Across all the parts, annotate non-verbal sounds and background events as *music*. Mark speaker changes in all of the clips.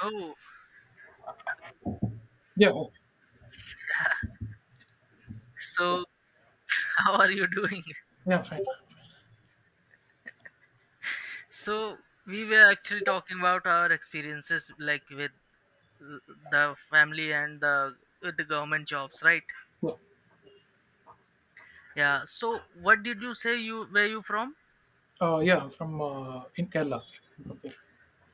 Speaker 1: Oh,
Speaker 2: Yeah, oh, yeah,
Speaker 1: so *laughs* how are you doing?
Speaker 2: yeah, fine.
Speaker 1: So we were actually talking about our experiences, like with uh, the family and the with the government jobs, right?
Speaker 2: Yeah,
Speaker 1: Yeah. So what did you say? You where you from?
Speaker 2: yeah, from in Kerala. Okay.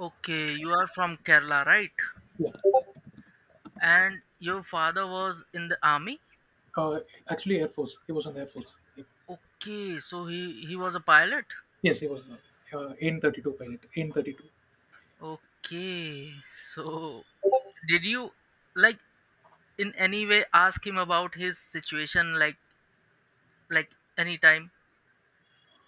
Speaker 1: Okay, you are from Kerala, right?
Speaker 2: Yeah.
Speaker 1: And your father was in the army.
Speaker 2: Uh, actually, Air Force. He was in the Air Force. Yep.
Speaker 1: Okay, so he was a pilot.
Speaker 2: Yes, he was N 32 pilot. N 32.
Speaker 1: Okay, so did you like in any way ask him about his situation, like anytime?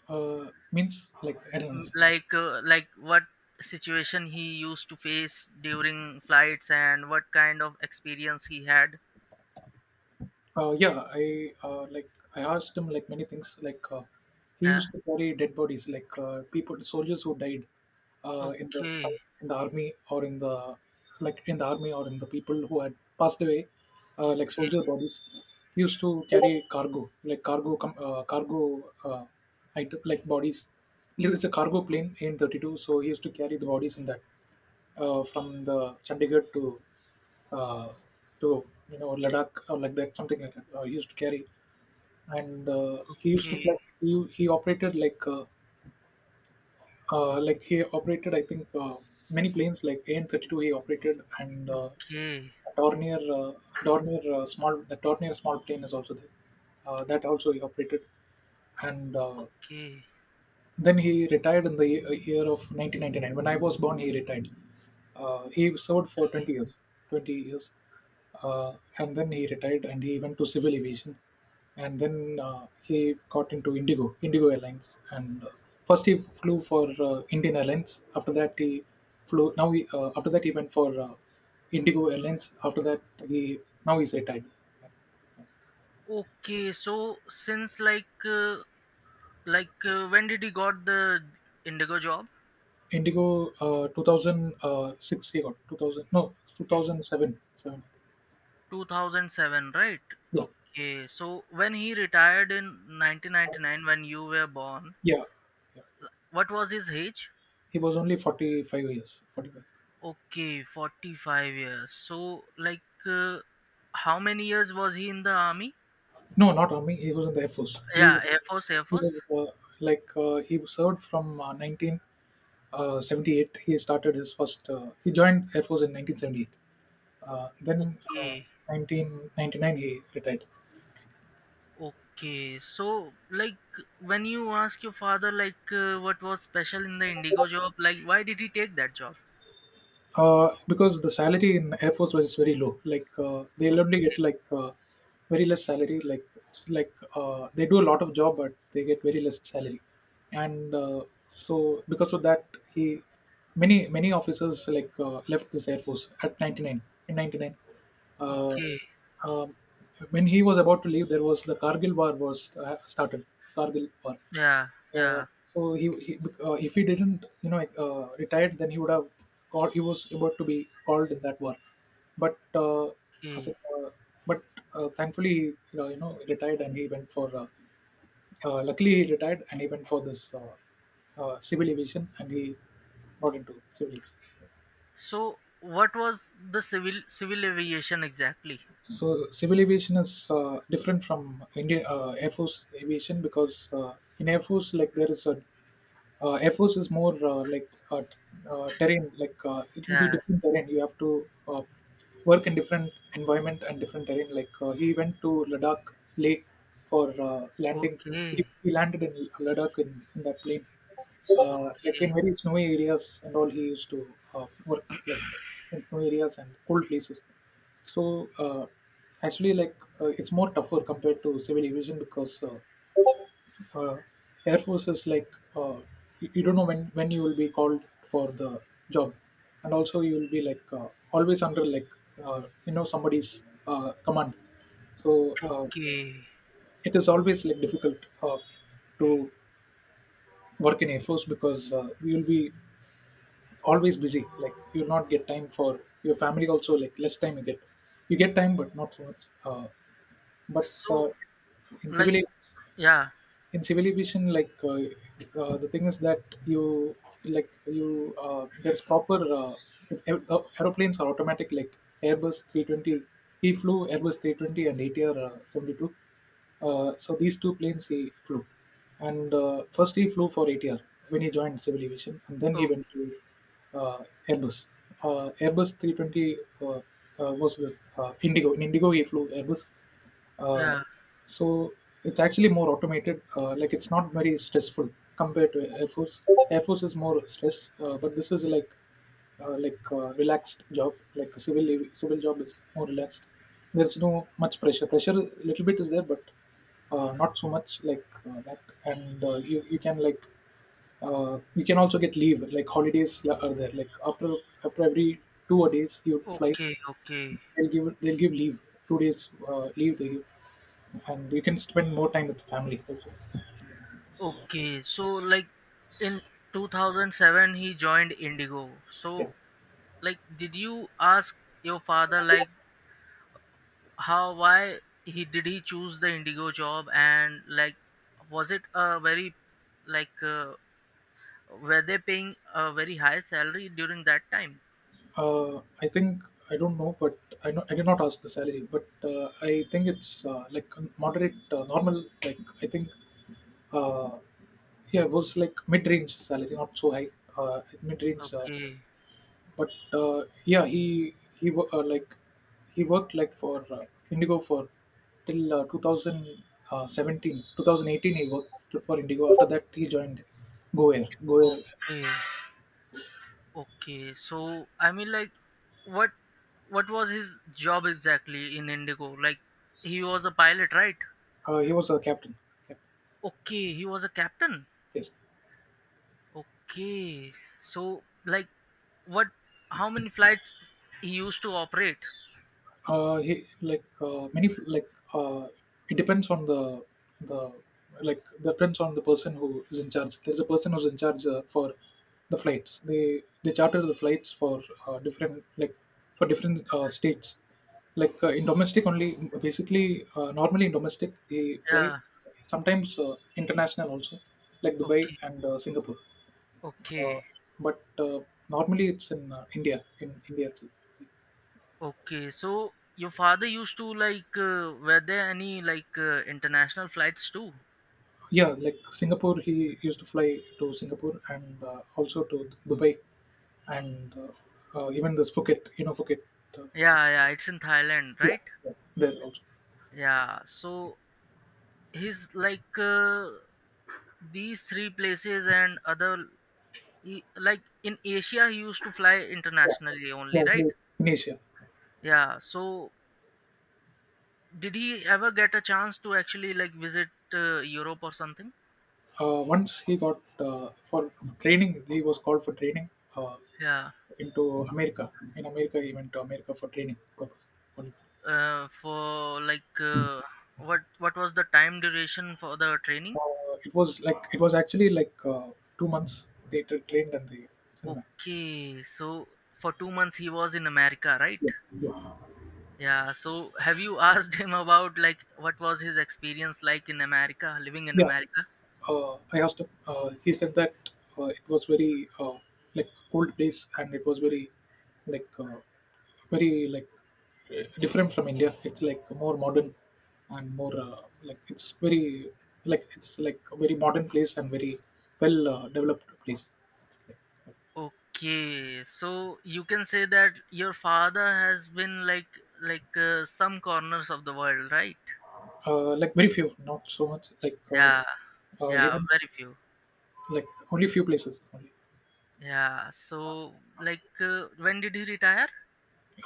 Speaker 2: Means like I don't
Speaker 1: Mm,
Speaker 2: understand.
Speaker 1: like what situation he used to face during flights and what kind of experience he had.
Speaker 2: Yeah, I asked him like many things. Like he
Speaker 1: Yeah.
Speaker 2: used to carry dead bodies, like people, soldiers who died in the
Speaker 1: Okay.
Speaker 2: fight, in the army or in the like in the army or in the people who had passed away, like soldier
Speaker 1: Okay.
Speaker 2: bodies. He used to carry cargo, like cargo, cargo, item, like bodies. It's a cargo plane, a 32. So he used to carry the bodies in that, from the Chandigarh to uh, you know Ladakh or like that, something like that. He used to carry, and he used to fly.
Speaker 1: Okay.
Speaker 2: He operated like he operated, I think, many planes like AN 32. He operated and,
Speaker 1: Okay.
Speaker 2: Dornier, Dornier small the Dornier small plane is also there. That also he operated, and
Speaker 1: Okay.
Speaker 2: then he retired in the year of 1999. When I was born, he retired. He served for 20 years, 20 years, and then he retired and he went to civil aviation, and then he got into Indigo Airlines, and first he flew for Indian Airlines. After that, he flew. Now he After that he went for Indigo Airlines. After that, he now he's retired.
Speaker 1: Okay, so since when did he got the indigo job?
Speaker 2: Indigo, 2006 he got 2000, no 2007, seven. Seven,
Speaker 1: 2007, right?
Speaker 2: yeah.
Speaker 1: Okay, so when he retired in 1999, when you were born,
Speaker 2: Yeah. Yeah.
Speaker 1: what was his age?
Speaker 2: He was only 45 years. 45.
Speaker 1: Okay, 45 years. So, like, uh, how many years was he in the army?
Speaker 2: No, not army. He was in the Air Force.
Speaker 1: Yeah, Air Force, Air
Speaker 2: He
Speaker 1: Force.
Speaker 2: was uh, he served from, 1978. He started his first, He joined Air Force in 1978. Then,
Speaker 1: Okay,
Speaker 2: 1999, he retired.
Speaker 1: okay. So, like, when you ask your father, like, what was special in the Indigo job, like, why did he take that job?
Speaker 2: Because the salary in Air Force was very low. Like
Speaker 1: O-
Speaker 2: they'll only get like, very less salary. Like it's like they do a lot of job, but they get very less salary. And so because of that, he many many officers like, left this Air Force at 99, in 99. Uh,
Speaker 1: Okay,
Speaker 2: um, when he was about to leave, there was the Kargil war was started. Kargil war.
Speaker 1: yeah,
Speaker 2: Uh,
Speaker 1: yeah,
Speaker 2: so, he if he didn't, retired, then he would have called, he was about to be called in that war, but as
Speaker 1: okay.
Speaker 2: a- uh, but thankfully, retired, and he went for, luckily he retired, and he went for this, civil aviation, and he got into civil aviation.
Speaker 1: So, what was the civil aviation exactly?
Speaker 2: So civil aviation is different from Indian, Air Force aviation, because in Air Force, like there is a, Air Force is more like, terrain, like it will be
Speaker 1: Yeah,
Speaker 2: different terrain, you have to, work in different environment and different terrain, like he went to Ladakh, Leh, for landing. he,
Speaker 1: okay,
Speaker 2: he landed in Ladakh, in that plane, like
Speaker 1: okay,
Speaker 2: in very snowy areas, and all he used to, work like in snowy areas and cold places. So, uh, actually, like it's more tougher compared to civil aviation, because uh, Air Force is like, uh, you don't know when, you will be called for the job, and also you will be like, always under, like, somebody's command. So,
Speaker 1: okay.
Speaker 2: it is always like difficult to work in Air Force, because you'll be always busy, like you'll not get time for your family also, like less time you get. You get time but not so much, but
Speaker 1: So,
Speaker 2: in
Speaker 1: like,
Speaker 2: civil,
Speaker 1: yeah,
Speaker 2: in civilization, like, the thing is that you, like you, there's proper, it's, aeroplanes are automatic, like Airbus 320. He flew Airbus 320 and ATR, 72. So these two planes he flew. And first he flew for ATR when he joined civil aviation, and then he
Speaker 1: okay,
Speaker 2: went to, uh, Airbus, Airbus 320, was this Indigo? In Indigo he flew Airbus. uh,
Speaker 1: yeah.
Speaker 2: so it's actually more automated. Like it's not very stressful compared to Air Force. Air Force is more stress, but this is like relaxed job. Like a civil job is more relaxed. There's no much pressure. Pressure a little bit is there, but not so much like that. And you you can like, you can also get leave, like holidays are there, like after every 2 days you fly,
Speaker 1: Okay, okay,
Speaker 2: they'll give, leave, 2 days, leave they give, and you can spend more time with family also.
Speaker 1: okay. So, like in 2007, he joined Indigo.
Speaker 2: Yeah.
Speaker 1: So, like, did you ask your father, like, how, why he did he choose the Indigo job, and like, was it a very, like, were they paying a very high salary during that time?
Speaker 2: I think, I don't know, but I know I did not ask the salary, but I think it's like a moderate, normal. Like I think, uh, yeah, it was like mid-range salary, not so high, mid-range.
Speaker 1: Okay,
Speaker 2: But yeah, he like he worked like for Indigo for, till 2017. He worked for Indigo. After that, he joined Go Air. Go Air.
Speaker 1: okay, okay. So, I mean, like, what, what was his job exactly in Indigo? Like, he was a pilot, right?
Speaker 2: He was a captain.
Speaker 1: Okay, he was a captain.
Speaker 2: Yes.
Speaker 1: Okay. So like what how many flights he used to operate?
Speaker 2: He, like many like, it depends on the, the like depends on the person who is in charge. There's a person who's in charge for the flights. They charter the flights for, different, like for different states. Like in domestic only, basically normally in domestic they fly.
Speaker 1: Yeah.
Speaker 2: Sometimes international also, like Dubai
Speaker 1: Okay.
Speaker 2: and, Singapore. Uh,
Speaker 1: Okay.
Speaker 2: but normally it's in, India. In India.
Speaker 1: Okay. So your father used to like were there any like international flights too?
Speaker 2: Yeah, like Singapore, he used to fly to Singapore and also to Dubai, and, even this Phuket, you know, Phuket. uh,
Speaker 1: Yeah, yeah, it's in Thailand,
Speaker 2: Yeah,
Speaker 1: right?
Speaker 2: yeah, there also.
Speaker 1: Yeah. So he's like these three places and other he, like in Asia he used to fly
Speaker 2: Yeah,
Speaker 1: internationally
Speaker 2: yeah,
Speaker 1: only, right?
Speaker 2: great. In Asia.
Speaker 1: Yeah, so did he ever get a chance to actually like visit Europe or something?
Speaker 2: Once he got, for training, he was called for training uh,
Speaker 1: Yeah.
Speaker 2: into America. In America, he went to America for training purpose only.
Speaker 1: For like what was the time duration for the
Speaker 2: Uh,
Speaker 1: training?
Speaker 2: it was like, it was actually like, 2 months they trained, and they sent back.
Speaker 1: Okay, so for 2 months he was in America, right? Yeah. So have you *laughs* asked him about like what was his experience like in America, living in
Speaker 2: Yeah.
Speaker 1: America?
Speaker 2: I asked him. He said that it was very, like cold place, and it was very like, very like, different from India. It's like more modern, and more like, it's very like, it's like a very modern place, and very well, developed place. It's
Speaker 1: Okay, so you can say that your father has been like some corners of the world, right?
Speaker 2: like very few, not so much. Like
Speaker 1: Yeah, yeah,
Speaker 2: even
Speaker 1: very few.
Speaker 2: like only few places only.
Speaker 1: Yeah, so like when did he retire?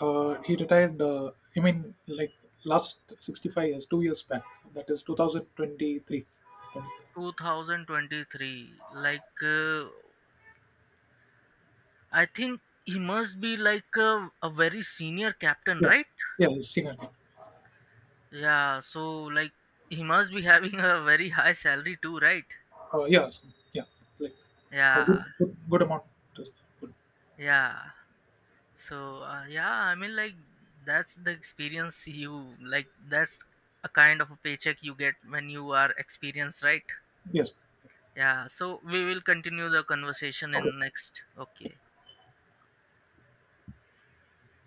Speaker 2: He retired, I mean, like last 65 years, 2 years back. That is 2023.
Speaker 1: 2023. Like I think he must be like a very senior captain,
Speaker 2: Yeah,
Speaker 1: right?
Speaker 2: yeah, he's senior.
Speaker 1: Yeah, so like he must be *laughs* having a very high salary too, right?
Speaker 2: Yeah, so, yeah, like a
Speaker 1: Yeah,
Speaker 2: good, good, good amount. Just good.
Speaker 1: yeah. So yeah, I mean like that's the experience you like that's a kind of a paycheck you get when you are experienced, right?
Speaker 2: Yes.
Speaker 1: Yeah, so we will continue the conversation
Speaker 2: Okay.
Speaker 1: in next. Okay.